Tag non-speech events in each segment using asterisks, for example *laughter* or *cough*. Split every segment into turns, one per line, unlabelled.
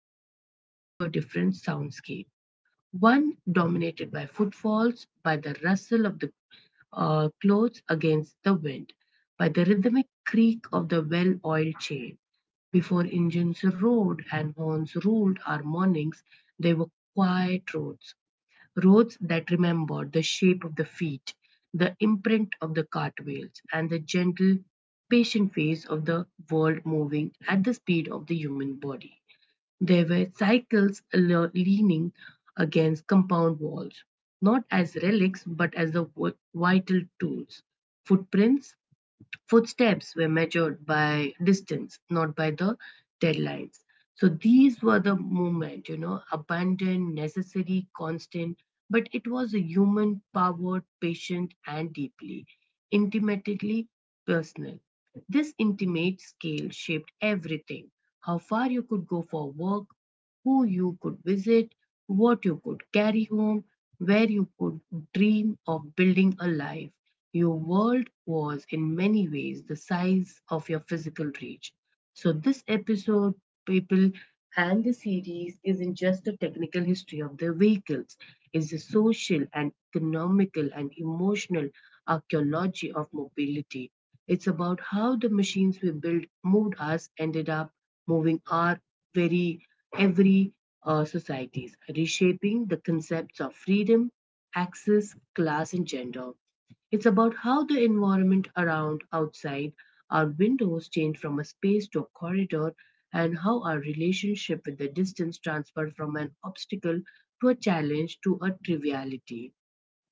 past, but to a different soundscape. One dominated by footfalls, by the rustle of the clothes against the wind, by the rhythmic creak of the well oiled chain. Before engines roared and horns rolled our mornings, they were quiet roads, roads that remembered the shape of the feet, the imprint of the cartwheels, and the gentle, patient pace of the world moving at the speed of the human body. There were cycles leaning against compound walls, not as relics but as the vital tools. Footprints Footsteps were measured by distance, not by the deadlines. So these were the movement, abundant, necessary, constant, but it was a human, powered, patient, and deeply, intimately personal. This intimate scale shaped everything: how far you could go for work, who you could visit, what you could carry home, where you could dream of building a life. Your world was, in many ways, the size of your physical reach. So, this episode, people, and the series isn't just a technical history of the vehicles, it's a social and economical and emotional archaeology of mobility. It's about how the machines we built moved us ended up moving our very every societies, reshaping the concepts of freedom, access, class, and gender. It's about how the environment around outside our windows change from a space to a corridor, and how our relationship with the distance transfer from an obstacle to a challenge to a triviality.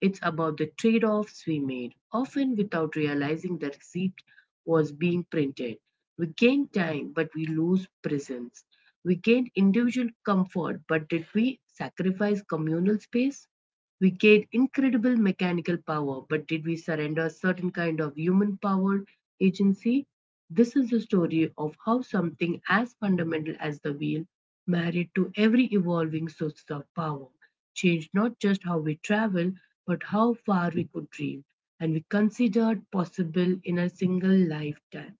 It's about the trade offs we made, often without realizing the receipt was being printed. We gain time, but we lose presence. We gain individual comfort, but did we sacrifice communal space? We gained incredible mechanical power, but did we surrender a certain kind of human power agency? This is the story of how something as fundamental as the wheel, married to every evolving source of power, changed not just how we travel, but how far we could dream, and we considered possible in a single lifetime.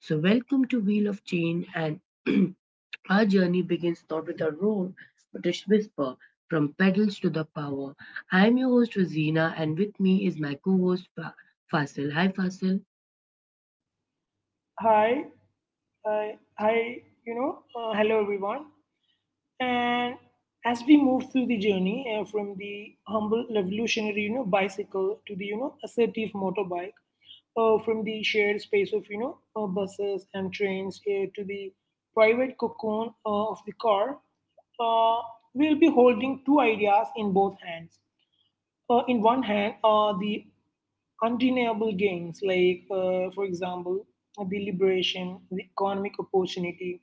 So, welcome to Wheel of Change and *clears throat* our journey begins not with a roar, but a whisper from pedals to the power. I am your host, Rosina, and with me is my co host, Fasil. Hi, Fasil.
Hi, hi, hi, Hello everyone. And as we move through the journey from the humble revolutionary, bicycle to the, assertive motorbike, from the shared space of, buses and trains to the private cocoon of the car, uh, we'll be holding two ideas in both hands, in one hand are the undeniable gains, like, for example, the liberation, the economic opportunity,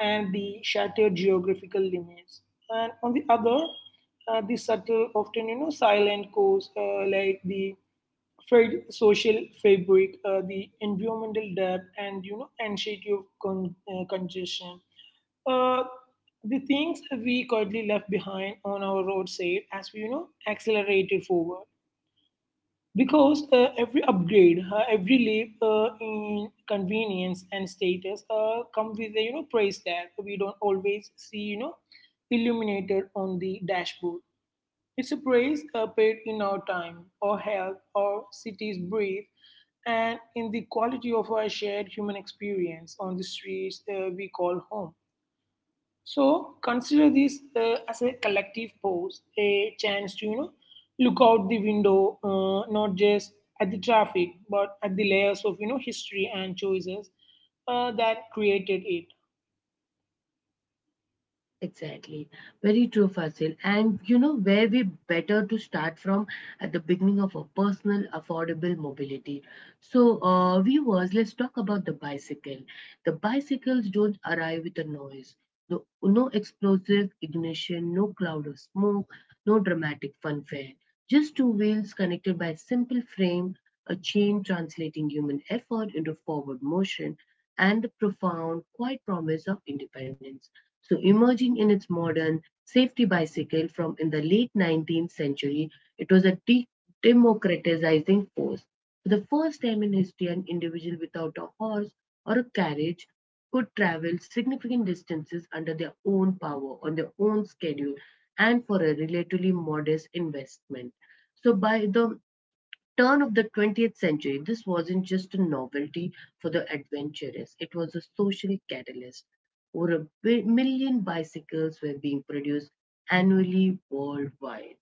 and the shattered geographical limits. And on the other, the subtle, often silent cause, like the frayed social fabric, the environmental debt, and anxiety of congestion. Uh, the things we currently left behind on our roadside as we accelerated forward, because every upgrade, every leap in convenience and status come with a price tag we don't always see illuminated on the dashboard. It's a price paid in our time, our health, our city's breathe, and in the quality of our shared human experience on the streets we call home. So consider this as a collective pause, a chance to look out the window, not just at the traffic, but at the layers of history and choices that created it.
Exactly. Very true, Fasil. And you know where we better to start from at the beginning of a personal affordable mobility. So, viewers, let's talk about the bicycle. The bicycles don't arrive with a noise. No, no explosive ignition, no cloud of smoke, no dramatic funfare. Just two wheels connected by a simple frame, a chain translating human effort into forward motion and the profound, quiet promise of independence. So, emerging in its modern safety bicycle from in the late 19th century, it was a democratizing force. For the first time in history, an individual without a horse or a carriage could travel significant distances under their own power, on their own schedule, and for a relatively modest investment. So, by the turn of the 20th century, this wasn't just a novelty for the adventurous, it was a social catalyst. Over a million bicycles were being produced annually worldwide.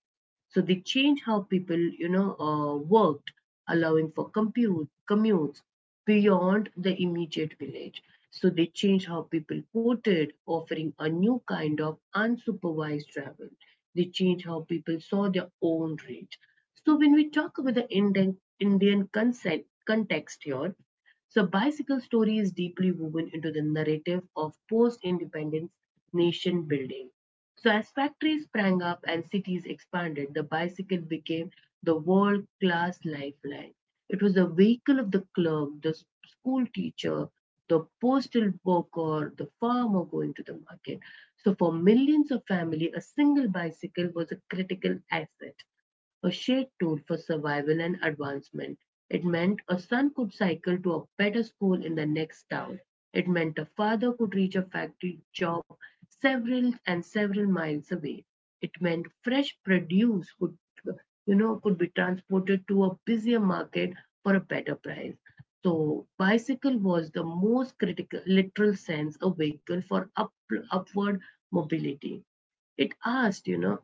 So they changed how people, worked, allowing for commutes beyond the immediate village. So they changed how people voted, offering a new kind of unsupervised travel. They changed how people saw their own race. So when we talk about the Indian context here, so bicycle story is deeply woven into the narrative of post-independence nation building. So as factories sprang up and cities expanded, the bicycle became the world-class lifeline. It was the vehicle of the clerk, the school teacher, the postal worker, the farmer going to the market. So for millions of families, a single bicycle was a critical asset, a shared tool for survival and advancement. It meant a son could cycle to a better school in the next town. It meant a father could reach a factory job several and several miles away. It meant fresh produce could, could be transported to a busier market for a better price. So, bicycle was the most critical, literal sense, a vehicle for upward mobility. It asked,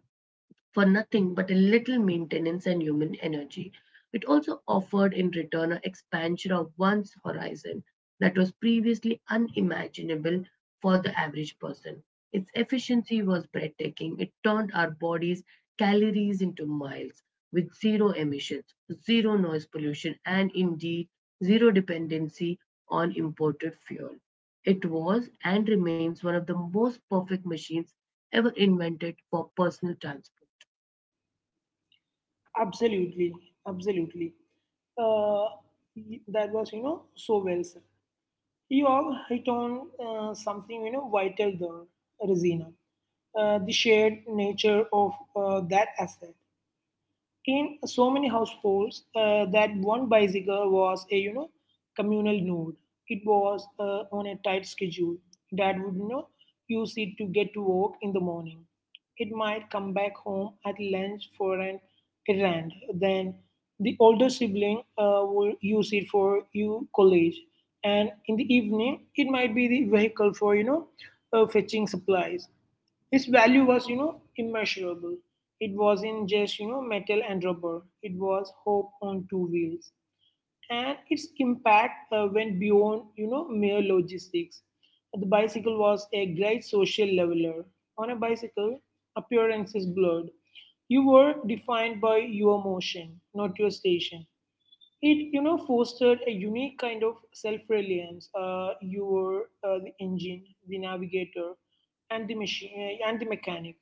for nothing but a little maintenance and human energy. It also offered in return an expansion of one's horizon that was previously unimaginable for the average person. Its efficiency was breathtaking. It turned our bodies' calories into miles with zero emissions, zero noise pollution, and indeed zero dependency on imported fuel. It was and remains one of the most perfect machines ever invented for personal transport.
Absolutely, absolutely. Uh, that was so well said. You have hit on something vital there, Rosina. The shared nature of that asset in so many households, that one bicycle was a communal node. It was on a tight schedule. Dad would use it to get to work in the morning. It might come back home at lunch for an errand. Then the older sibling will use it for you college, and in the evening it might be the vehicle for fetching supplies. Its value was, immeasurable. It wasn't just, metal and rubber. It was hope on two wheels. And its impact went beyond, mere logistics. The bicycle was a great social leveler. On a bicycle, appearance is blurred. You were defined by your motion, not your station. It fostered a unique kind of self-reliance. You were the engine, the navigator, and the machine and the mechanic.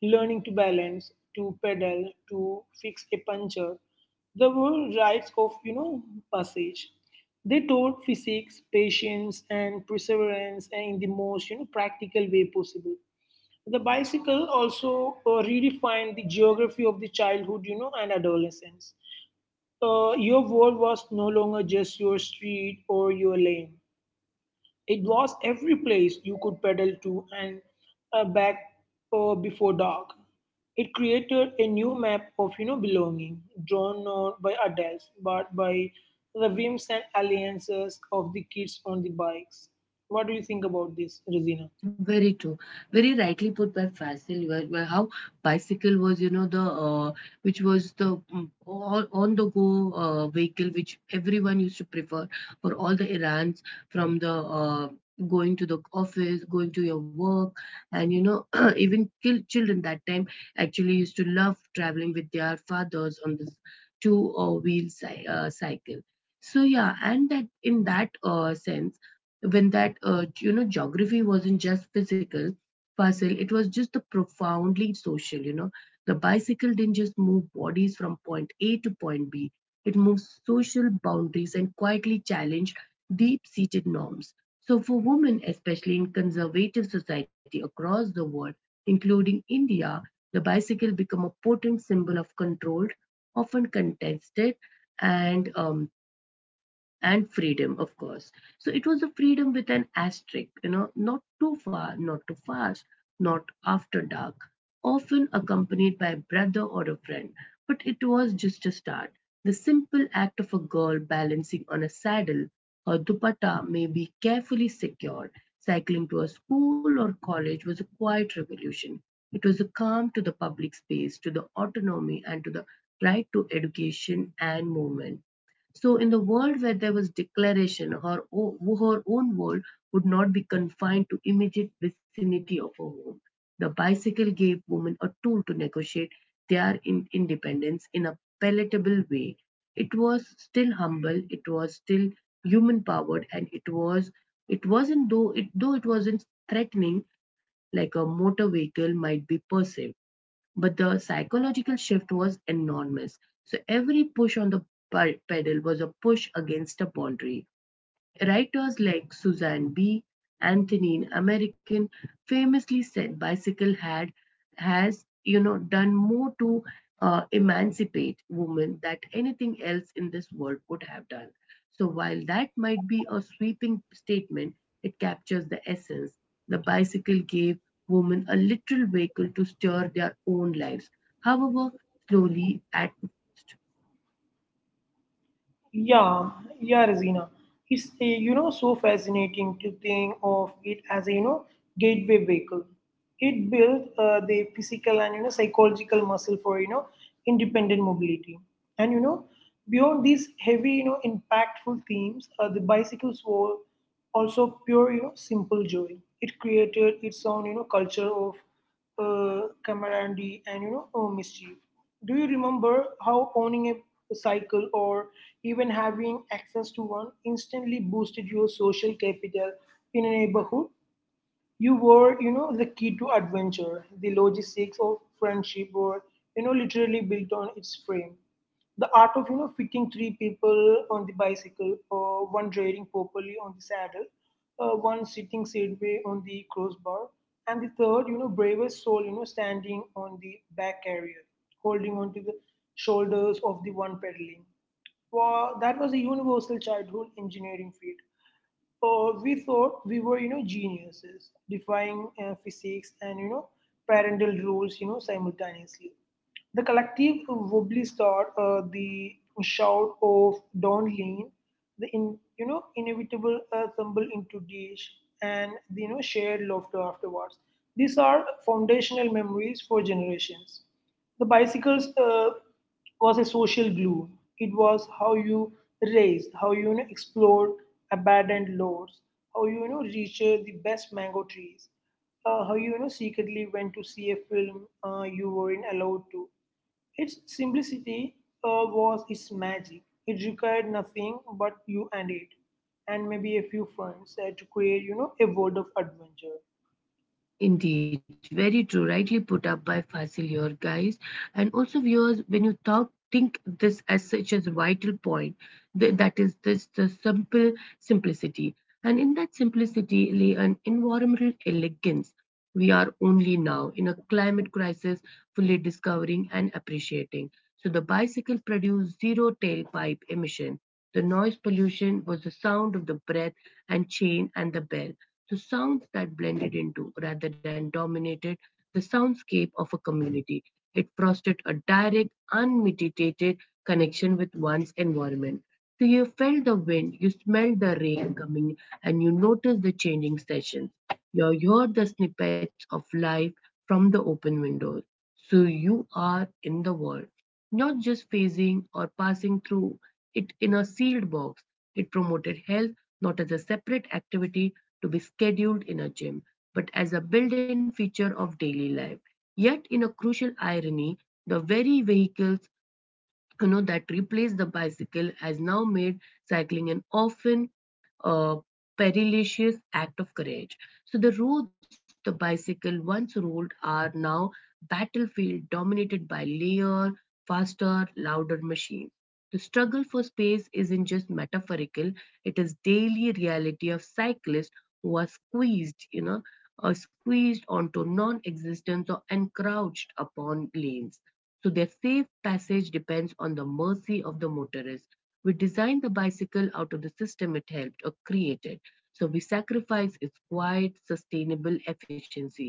Learning to balance, to pedal, to fix a puncture. There were rites of passage. They taught physics, patience, and perseverance in the most practical way possible. The bicycle also redefined the geography of the childhood, and adolescence. Your world was no longer just your street or your lane. It was every place you could pedal to and back before dark. It created a new map of belonging, drawn not by adults but by the whims and alliances of the kids on the bikes. What do you think about this, Rosina?
Very true. Very rightly put by Faisal, where how bicycle was, you know, the which was the all on the go vehicle which everyone used to prefer for all the errands from the going to the office, going to your work, and you know, *clears throat* even children that time actually used to love traveling with their fathers on this two wheel cycle. So yeah, and that in that sense when that you know geography wasn't just physical puzzle, it was just the profoundly social, you know. The bicycle didn't just move bodies from point A to point B, it moves social boundaries and quietly challenged deep seated norms. So for women, especially in conservative society across the world, including India, the bicycle became a potent symbol of control, often contested, and um, and freedom, of course. So it was a freedom with an asterisk, you know, not too far, not too fast, not after dark, often accompanied by a brother or a friend. But it was just a start. The simple act of a girl balancing on a saddle or dupatta may be carefully secured. Cycling to a school or college was a quiet revolution. It was a calm to the public space, to the autonomy, and to the right to education and movement. So, in the world where there was declaration, her own world would not be confined to immediate vicinity of her home. The bicycle gave women a tool to negotiate their independence in a palatable way. It was still humble, it was still human powered, and it was it wasn't though it wasn't threatening like a motor vehicle might be perceived, but the psychological shift was enormous. So every push on the pedal was a push against a boundary. Writers like Susan B. Anthony in American famously said bicycle had has you know done more to emancipate women than anything else in this world could have done. So while that might be a sweeping statement, it captures the essence. The bicycle gave women a literal vehicle to steer their own lives. However, slowly at
Yeah, yeah, Rosina. It's so fascinating to think of it as a gateway vehicle. It built the physical and psychological muscle for independent mobility. And you know beyond these heavy impactful themes, the bicycles were also pure, simple joy. It created its own culture of camaraderie and mischief. Do you remember how owning a cycle or even having access to one instantly boosted your social capital in a neighborhood? You were, the key to adventure. The logistics of friendship were, literally built on its frame. The art of, fitting three people on the bicycle, or one riding properly on the saddle, one sitting sideways on the crossbar, and the third, bravest soul, standing on the back carrier, holding onto the shoulders of the one pedaling. That was a universal childhood engineering field. We thought we were, geniuses, defying physics and, parental rules, simultaneously. The collective wobbly start, the shout of "Don't lean," the in, you know inevitable tumble into dish, and the shared laughter afterwards. These are foundational memories for generations. The bicycles was a social glue. It was how you raised, how you, explored abandoned lots, how you, you know reached the best mango trees, how you, you know secretly went to see a film you weren't allowed to. Its simplicity was its magic. It required nothing but you and it, and maybe a few friends to create, a world of adventure.
Indeed, very true. Rightly put up by Facilier, guys. And also, viewers, when you talk, think this as such as a vital point. That is this the simple simplicity. And in that simplicity lay an environmental elegance. We are only now in a climate crisis fully discovering and appreciating. So the bicycle produced zero tailpipe emission. The noise pollution was the sound of the breath and chain and the bell. The sounds that blended into, rather than dominated, the soundscape of a community. It fostered a direct, unmitigated connection with one's environment. So you felt the wind, you smelled the rain coming, and you noticed the changing sessions. You heard the snippets of life from the open windows. So you are in the world, not just phasing or passing through it in a sealed box. It promoted health, not as a separate activity to be scheduled in a gym, but as a built in feature of daily life. Yet, in a crucial irony, the very vehicles, you know, that replaced the bicycle has now made cycling an often uh, perilous act of courage. So the roads the bicycle once ruled are now battlefield dominated by layer, faster, louder machines. The struggle for space isn't just metaphorical; it is daily reality of cyclists who are squeezed onto non-existence or encroached upon lanes, so their safe passage depends on the mercy of the motorist. We designed the bicycle out of the system it helped or created, so we sacrifice its quiet, sustainable efficiency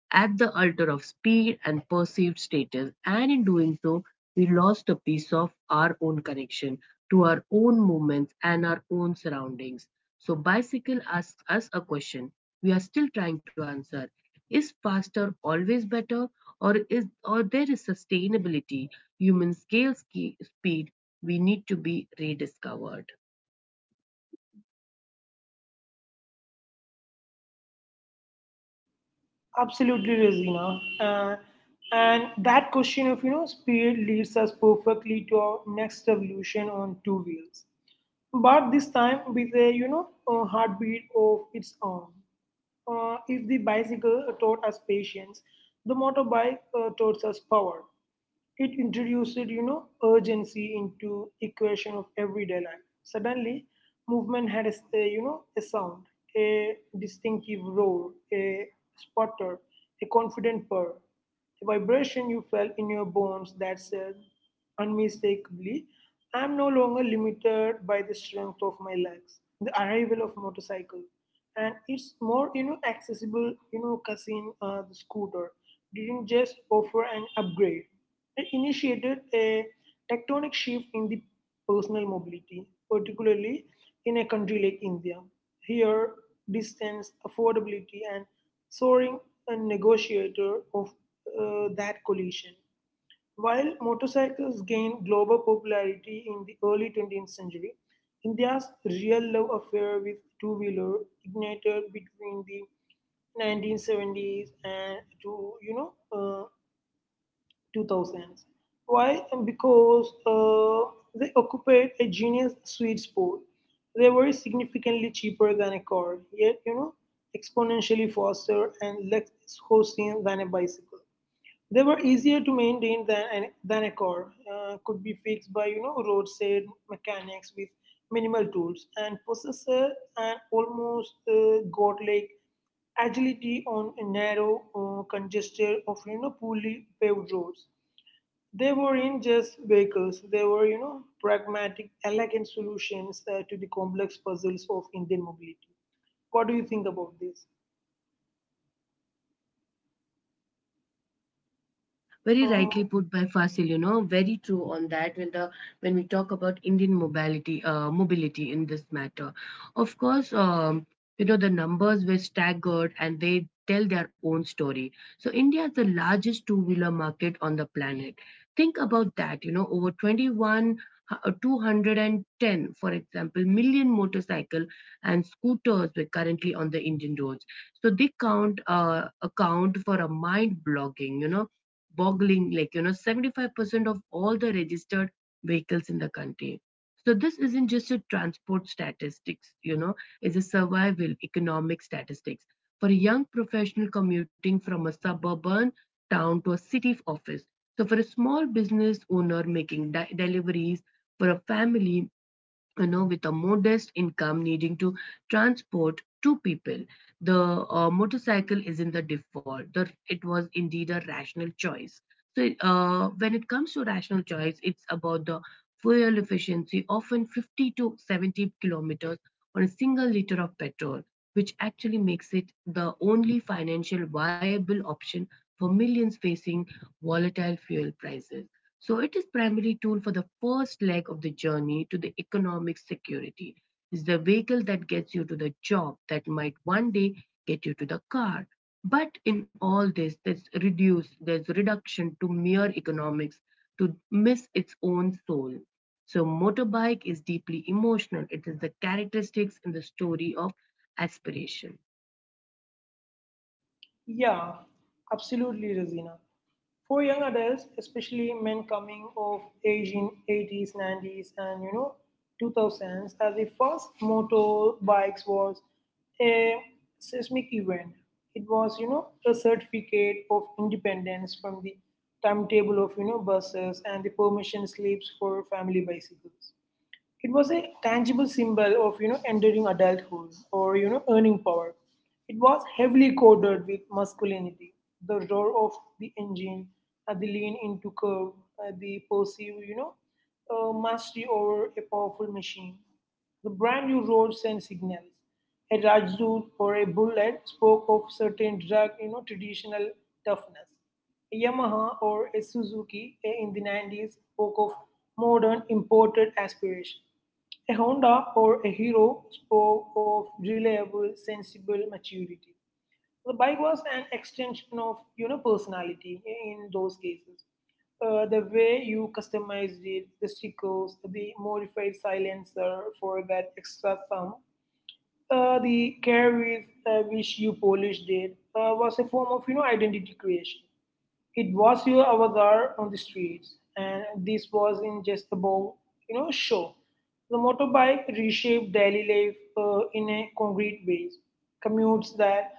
at the altar of speed and perceived status, and in doing so, we lost a piece of our own connection to our own movements and our own surroundings. So, bicycle asks us a question we are still trying to answer: Is faster always better? Or is, or there is sustainability, human speed we need to be rediscovered.
Absolutely, Rosina. And that question of speed leads us perfectly to our next revolution on two wheels, but this time with a a heartbeat of its own. If the bicycle taught us patience, the motorbike taught us power. It introduced, urgency into equation of everyday life. Suddenly, movement had a, s- a, you know, a sound, a distinctive roar, a sputter, a confident purr, a vibration you felt in your bones that said unmistakably, I'm no longer limited by the strength of my legs. The arrival of motorcycle, and it's more accessible. You know, cousin the scooter didn't just offer an upgrade; it initiated a tectonic shift in the personal mobility, particularly in a country like India. Here, distance, affordability, and soaring, a negotiator of that collision. While motorcycles gained global popularity in the early 20th century, India's real love affair with two wheeler ignited between the 1970s and to you know 2000s. Why? Because they occupied a genius sweet spot. They were significantly cheaper than a car, yet, exponentially faster and less hosting than a bicycle. They were easier to maintain than, than a car, could be fixed by, roadside mechanics with minimal tools, and possess an almost godlike agility on a narrow, congested, of poorly paved roads. They weren't just vehicles, they were, pragmatic, elegant solutions to the complex puzzles of Indian mobility. What do you think about this?
Very
Um,
rightly put by Fasil, you know, very true on that when the when we talk about Indian mobility, mobility in this matter. Of course, you know, the numbers were staggered and they tell their own story. So India is the largest two-wheeler market on the planet. Think about that, you know, over 21 uh, 210, for example, million motorcycle and scooters were currently on the Indian roads. So they count account for a mind boggling, like, you know, 75% of all the registered vehicles in the country. So this isn't just a transport statistics, you know, it's a survival economic statistics for a young professional commuting from a suburban town to a city office. So for a small business owner making deliveries, for a family, you know, with a modest income needing to transport two people, the motorcycle isn't the default. It was indeed a rational choice. So, when it comes to rational choice, it's about the fuel efficiency, often 50 to 70 kilometers on a single liter of petrol, which actually makes it the only financial viable option for millions facing volatile fuel prices. So it is primary tool for the first leg of the journey to the economic security. It's the vehicle that gets you to the job that might one day get you to the car. But in all this, there's reduction to mere economics to miss its own soul. So motorbike is deeply emotional. It is the characteristics in the story of aspiration.
yeah, absolutely, Razina. For young adults, especially men coming of age in 80s, 90s, and 2000s, as the first motorbikes was a seismic event. It was a certificate of independence from the timetable of buses and the permission slips for family bicycles. It was a tangible symbol of entering adulthood or earning power. It was heavily coded with masculinity, the roar of the engine, the lean into curve, the perceived mastery over a powerful machine. The brand new roads and signals. A Rajdoot or a bullet spoke of certain drug traditional toughness. Yamaha or a Suzuki in the 90s spoke of modern imported aspiration. A Honda or a Hero spoke of reliable, sensible maturity. The bike was an extension of personality in those cases. The way you customized it, the stickers, the modified silencer for that extra sound, the care with which you polished it was a form of identity creation. It was your avatar on the streets, and this was in just about show. The motorbike reshaped daily life in a concrete ways. Commutes that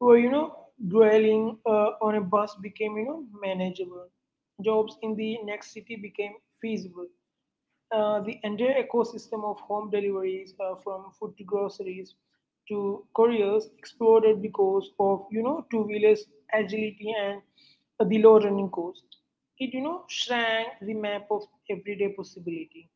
were dwelling on a bus became manageable. Jobs in the next city became feasible. The entire ecosystem of home deliveries, from food to groceries to couriers, exploded because of two wheelers agility and the low running cost. It shrank the map of everyday possibility.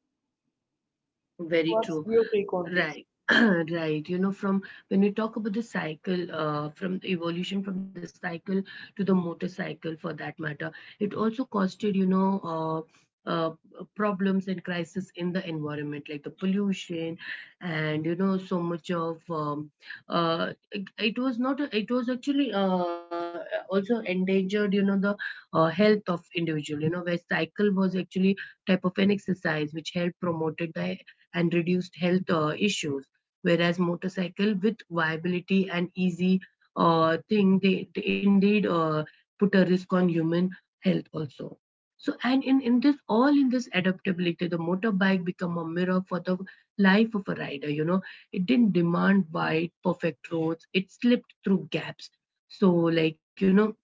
Very
What's
true.
your take on this?
Right. *clears throat* Right. You know, from when we talk about the cycle, from the evolution from the cycle to the motorcycle, for that matter, it also costed, you know, uh, uh, problems and crisis in the environment, like the pollution, and you know, so much of it was not. It was actually also endangered, you know, the health of individual. You know, where cycle was actually type of an exercise which helped promoted the and reduced health issues. Whereas motorcycle with viability and easy thing, they indeed put a risk on human health also. So and in this adaptability, the motorbike become a mirror for the life of a rider. You know, it didn't demand wide, perfect roads. It slipped through gaps. So, like, you know. *clears throat*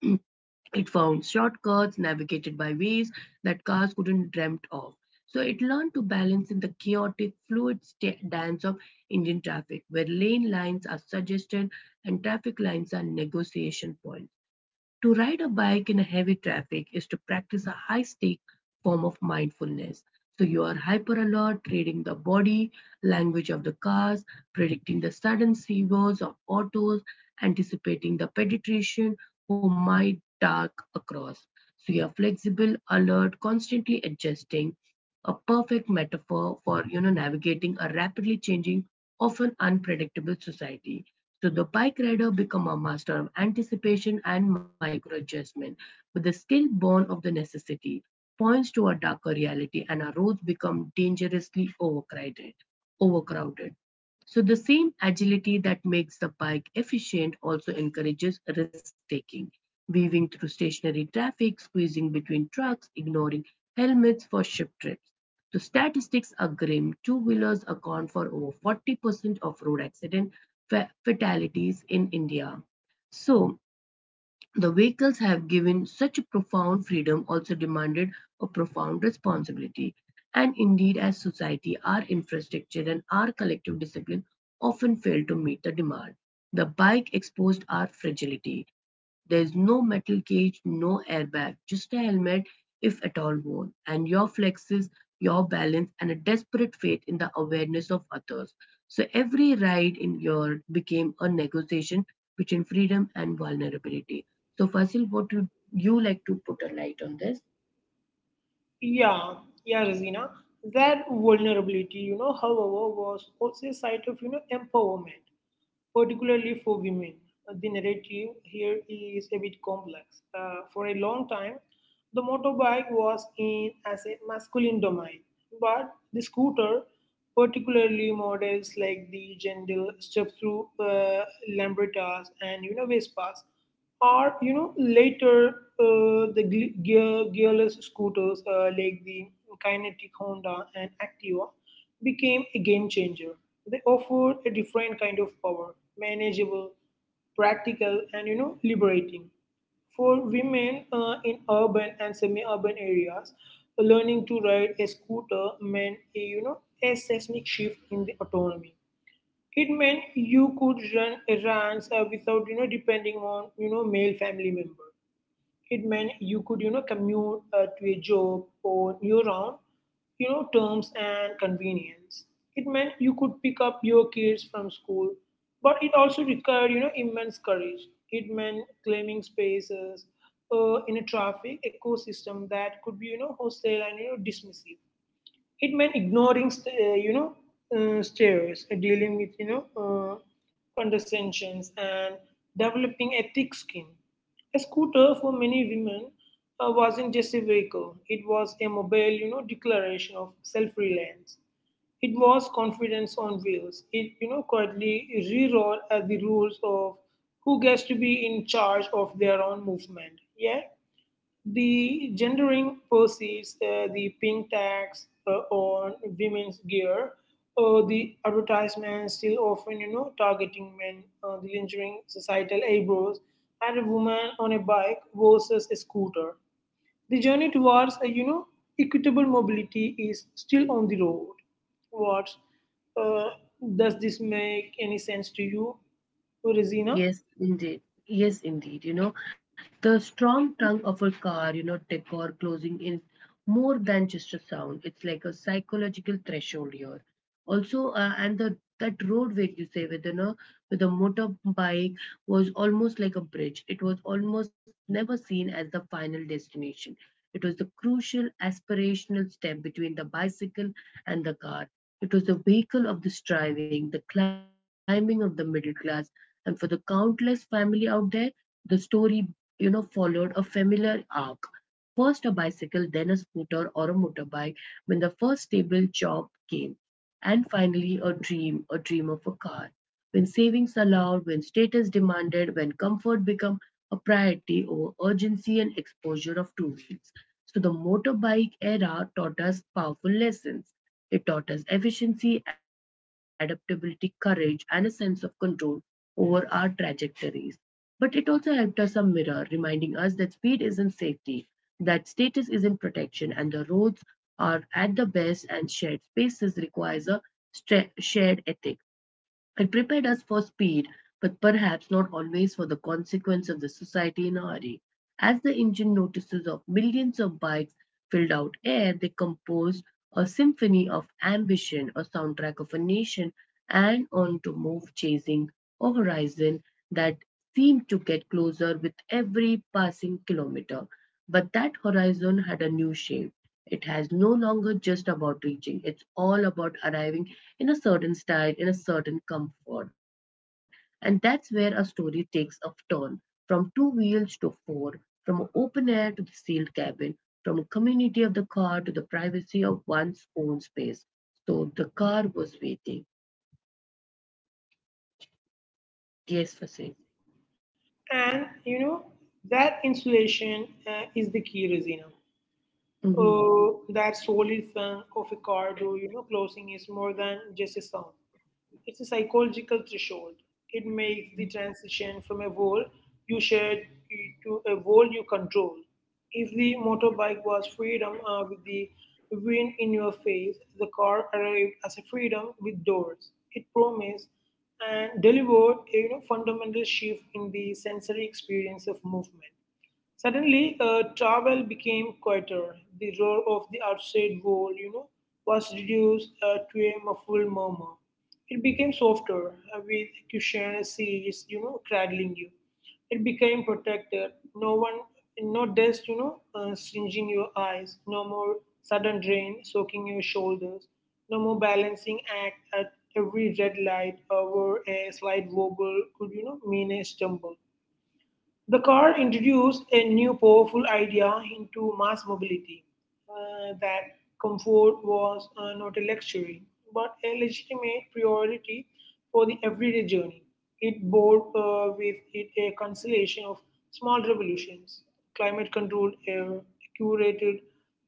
It found shortcuts, navigated by ways that cars couldn't dreamt of. So it learned to balance in the chaotic, fluid dance of Indian traffic, where lane lines are suggested and traffic lines are negotiation points. To ride a bike in a heavy traffic is to practice a high stake form of mindfulness. So you are hyper alert, reading the body language of the cars, predicting the sudden swerves of autos, anticipating the pedestrian who might dark across. So you are flexible, alert, constantly adjusting. A perfect metaphor for, you know, navigating a rapidly changing, often unpredictable society. So the pike rider become a master of anticipation and micro-adjustment, but the skill born of the necessity points to a darker reality and our roads become dangerously overcrowded. So the same agility that makes the pike efficient also encourages risk-taking, weaving through stationary traffic, squeezing between trucks, ignoring helmets for ship trips. The statistics are grim. Two-wheelers account for over 40% of road accident fatalities in India. So, the vehicles have given such a profound freedom, also demanded a profound responsibility. And indeed, as society, our infrastructure and our collective discipline often fail to meet the demand. The bike exposed our fragility. There is no metal cage, no airbag, just a helmet, if at all worn, and your flexes, your balance, and a desperate faith in the awareness of others. So every ride in your became a negotiation between freedom and vulnerability. So, Fasil, what would you like to put a light on this?
Yeah, yeah, Razina. That vulnerability, however, was also a site of empowerment, particularly for women. The narrative here is a bit complex. For a long time, the motorbike was in as a masculine domain, but the scooter, particularly models like the gentle step through, Lambrettas and Vespas, are later, gear, gearless scooters like the Kinetic Honda and Activa became a game changer. They offered a different kind of power, manageable, practical, and liberating. For women in urban and semi-urban areas, learning to ride a scooter meant, a seismic shift in the autonomy. It meant you could run errands without, depending on, male family members. It meant you could, commute to a job on your own, terms and convenience. It meant you could pick up your kids from school, but it also required, immense courage. It meant claiming spaces in a traffic ecosystem that could be, hostile and dismissive. It meant ignoring, stares, dealing with, condescensions, and developing a thick skin. A scooter for many women wasn't just a vehicle; it was a mobile, declaration of self-reliance. It was confidence on wheels. It quietly rewrote the rules of who gets to be in charge of their own movement. Yeah, the gendering proceeds, the pink tax on women's gear, or the advertisements still often, targeting men, the lingering societal eyebrows, and a woman on a bike versus a scooter. The journey towards, a equitable mobility is still on the road. What uh, does this make any sense to you, Rosina?
Yes, indeed. Yes, indeed. You know, the strong tongue of a car, you know, decor closing is more than just a sound. It's like a psychological threshold here. Also, and the that roadway you say with, you know, with a motorbike was almost like a bridge. It was almost never seen as the final destination. It was the crucial aspirational step between the bicycle and the car. It was the vehicle of the striving, the climbing of the middle class, and for the countless family out there, the story, you know, followed a familiar arc. First a bicycle, then a scooter or a motorbike when the first stable job came. And finally a dream of a car. When savings allowed, when status demanded, when comfort became a priority over urgency and exposure of two wheels. So the motorbike era taught us powerful lessons. It taught us efficiency, adaptability, courage, and a sense of control over our trajectories. But it also helped us a mirror, reminding us that speed isn't safety, that status isn't protection, and the roads are at the best and shared spaces requires a shared ethic. It prepared us for speed, but perhaps not always for the consequence of the society in a hurry. As the engine notices of millions of bikes filled out air, they composed a symphony of ambition, a soundtrack of a nation, and on to move chasing a horizon that seemed to get closer with every passing kilometer. But that horizon had a new shape. It has no longer just about reaching. It's all about arriving in a certain style, in a certain comfort. And that's where a story takes a turn from two wheels to four, from open air to the sealed cabin, from a community of the car to the privacy of one's own space. So the car was waiting. Yes, Fasil.
And that insulation is the key, Rosina. uh, that solid funk of a cardo, closing is more than just a sound. It's a psychological threshold. It makes the transition from a world you shared to a world you control. If the motorbike was freedom with the wind in your face, the car arrived as a freedom with doors. It promised and delivered a fundamental shift in the sensory experience of movement. Suddenly, travel became quieter. The roar of the outside wall, was reduced to a muffled murmur. It became softer, with cushion seats, cradling you. It became protected. No one, no dust, singeing your eyes. No more sudden rain soaking your shoulders. No more balancing act at every red light where a slight wobble could, mean a stumble. The car introduced a new powerful idea into mass mobility that comfort was not a luxury, but a legitimate priority for the everyday journey. It bore with it a constellation of small revolutions, climate controlled air, curated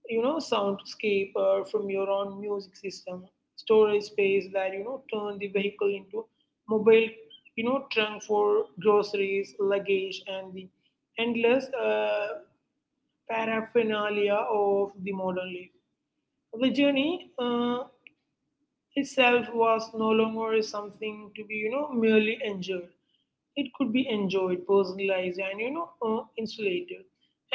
you know, soundscape from your own music system, storage space that, turn the vehicle into mobile trunk for groceries luggage and the endless paraphernalia of the modern life. The journey itself was no longer something to be merely enjoyed. It could be enjoyed personalized and insulated.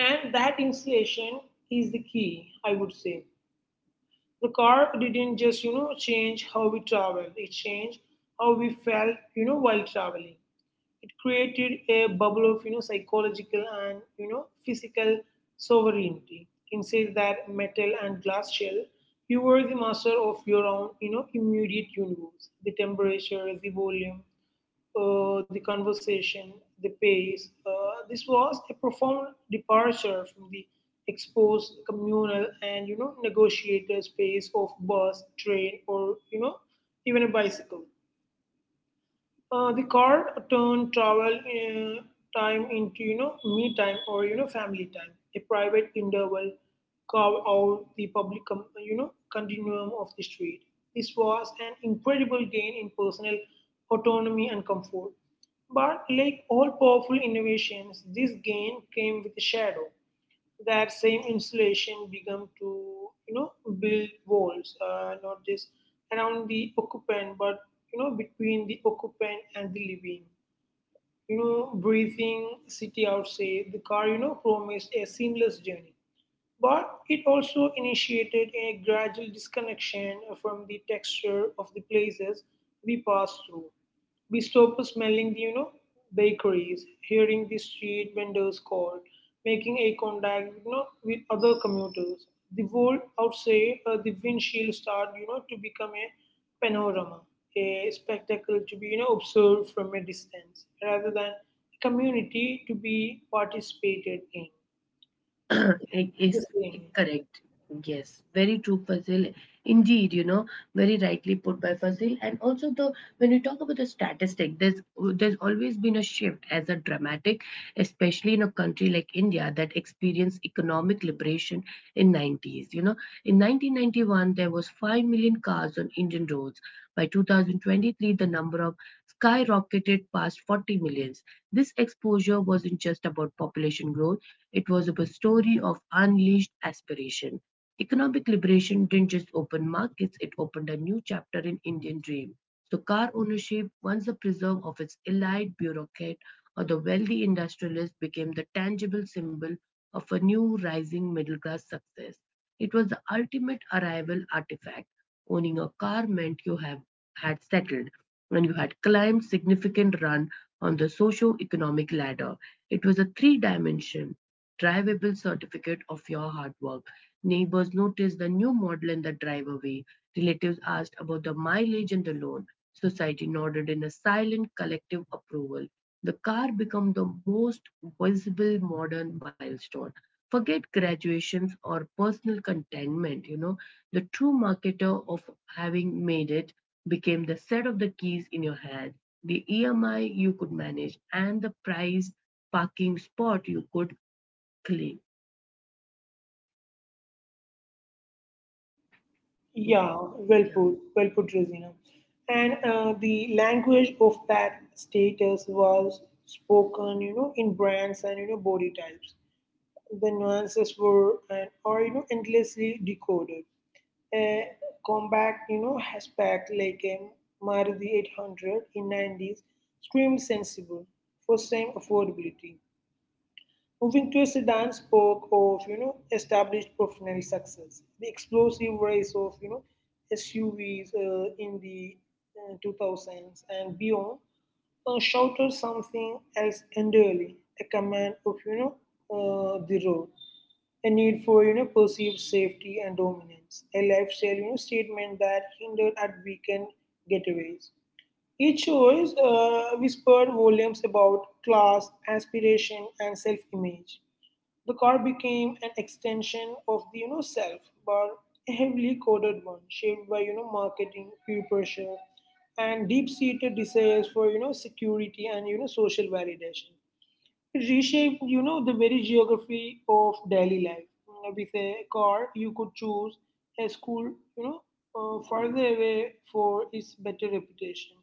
And that insulation is the key, I would say. The car didn't just change how we traveled; it changed how we felt while traveling. It created a bubble of psychological and physical sovereignty inside that metal and glass shell. You were the master of your own immediate universe, the temperature, the volume, the conversation, the pace. This was a profound departure from the exposed communal and negotiated space of bus, train, or even a bicycle. The car turned travel time into me time or family time, a private interval carved out the public continuum of the street. This was an incredible gain in personal autonomy and comfort. But like all powerful innovations, this gain came with a shadow. That same insulation become to you know build walls not just around the occupant but between the occupant and the living, breathing city outside. The car promised a seamless journey, but it also initiated a gradual disconnection from the texture of the places we pass through. We stopped smelling the, bakeries, hearing the street vendors call, making a contact, with other commuters. The world outside the windshield start, to become a panorama, a spectacle to be, observed from a distance, rather than a community to be participated in.
*clears throat* It
The
is
same.
correct. Yes, very true, Fazil. Indeed, you know, very rightly put by Fazil. And also, the when we talk about the statistic, there's always been a shift as a dramatic, especially in a country like India that experienced economic liberation in '90s. You know, in 1991 there was 5 million cars on Indian roads. By 2023, the number of skyrocketed past 40 millions. This exposure wasn't just about population growth, it was a story of unleashed aspiration. Economic liberation didn't just open markets, it opened a new chapter in Indian dream. So car ownership, once a prism of its elite bureaucrat or the wealthy industrialist, became the tangible symbol of a new rising middle class success. It was the ultimate arrival artifact. Owning a car meant you have had settled and you had climbed significant run on the socio-economic ladder. It was a three-dimension drivable certificate of your hard work. Neighbors noticed the new model in the driveway. Relatives asked about the mileage and the loan. Society nodded in a silent collective approval. The car became the most visible modern milestone. Forget graduations or personal contentment, you know. The true marketer of having made it became the set of the keys in your hand, the EMI you could manage, and the price parking spot you could. Exactly. Mm.
Yeah,
Yeah.
well put, Rosina. And the language of that status was spoken, in brands and body types. The nuances were and are endlessly decoded. A combat, hatchback like a Maruti 800 in 90s screamed sensible, first time affordability. Moving to a sedan spoke of established professional success. The explosive rise of SUVs in the 2000s and beyond shouted something else entirely, a command of the road, a need for perceived safety and dominance, a lifestyle statement that hindered at weekend getaways. It shows whispered volumes about class, aspiration, and self-image. The car became an extension of the self, but a heavily coded one, shaped by marketing, peer pressure, and deep-seated desires for security and social validation reshaped, the very geography of daily life. With a car, you could choose a school, further away for its better reputation.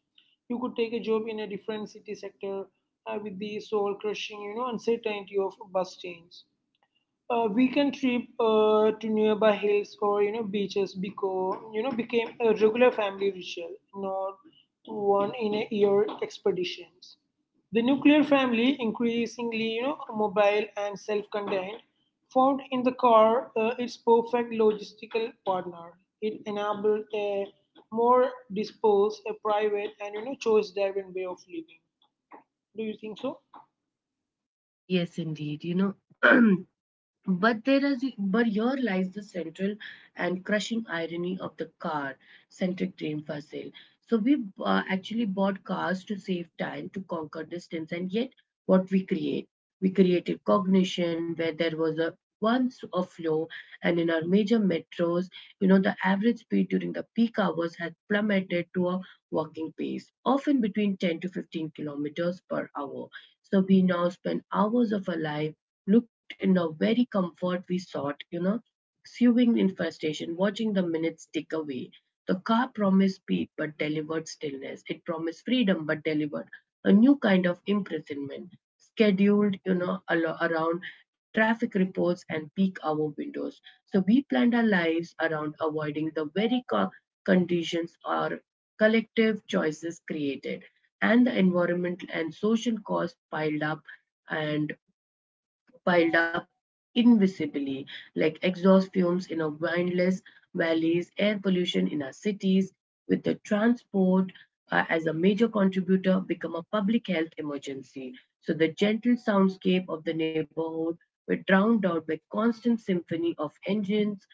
You could take a job in a different city sector with the soul crushing, uncertainty of bus change. A weekend trip to nearby hills or beaches because became a regular family ritual, not one in a year expeditions. The nuclear family, increasingly mobile and self-contained, found in the car its perfect logistical partner. It enabled a more disposed, a private, and choice-driven way of living. Do you think so?
Yes, indeed. You know, *clears throat* but there is, but here lies the central and crushing irony of the car-centric dream for sale. So we actually bought cars to save time, to conquer distance, and yet what we create, we created cognition where there was a once a flow, and in our major metros, you know, the average speed during the peak hours had plummeted to a walking pace, often between 10 to 15 kilometers per hour. So we now spend hours of our life looked in the very comfort we sought, you know, sewing infestation, watching the minutes tick away. The car promised speed but delivered stillness. It promised freedom but delivered a new kind of imprisonment, scheduled, you know, around traffic reports and peak hour windows. So we planned our lives around avoiding the very conditions our collective choices created, and the environmental and social costs piled up. And piled up invisibly, like exhaust fumes in our windless valleys, air pollution in our cities, with the transport as a major contributor become a public health emergency. So the gentle soundscape of the neighborhood were drowned out by constant symphony of engines,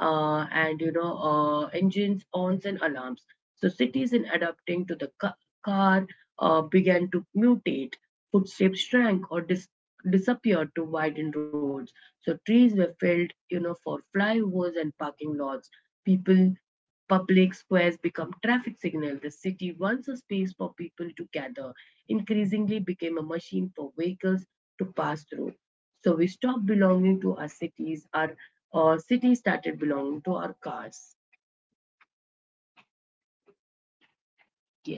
and you know engines, horns, and alarms. So cities, in adapting to the car, began to mutate. Footsteps shrank or disappeared to widen roads. So trees were felled, you know, for flyovers and parking lots. People Public squares become traffic signal. The city, once a space for people to gather, increasingly became a machine for vehicles to pass through. So we stop belonging to our cities. Our city started belonging to our cars.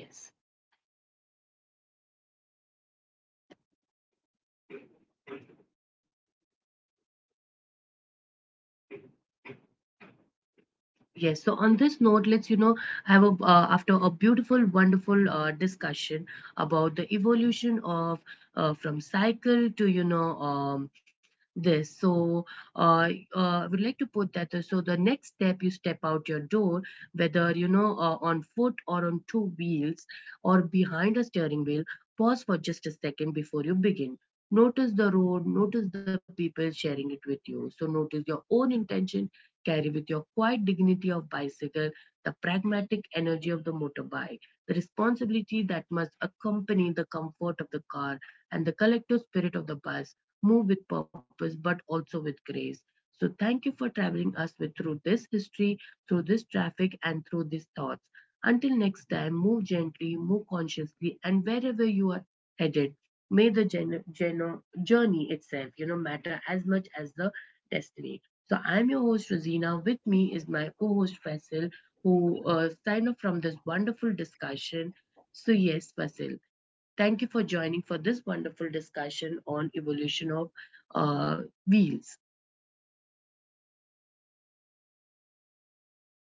Yes. Yes, so on this note, let's, you know, have a, after a beautiful, wonderful discussion about the evolution of from cycle to, you know, this. So uh, uh, I would like to put that. So the next step, you step out your door, whether, you know, on foot or on two wheels or behind a steering wheel, pause for just a second before you begin. Notice the road, notice the people sharing it with you. So notice your own intention. Carry with your quiet dignity of bicycle, the pragmatic energy of the motorbike, the responsibility that must accompany the comfort of the car, and the collective spirit of the bus. Move with purpose, but also with grace. So, thank you for traveling us with through this history, through this traffic, and through these thoughts. Until next time, move gently, move consciously, and wherever you are headed, may the journey itself, you know, matter as much as the destiny. So I'm your host Rosina. With me is my co-host Faisal, who signed off from this wonderful discussion. So yes, Faisal, thank you for joining for this wonderful discussion on evolution of uh, wheels.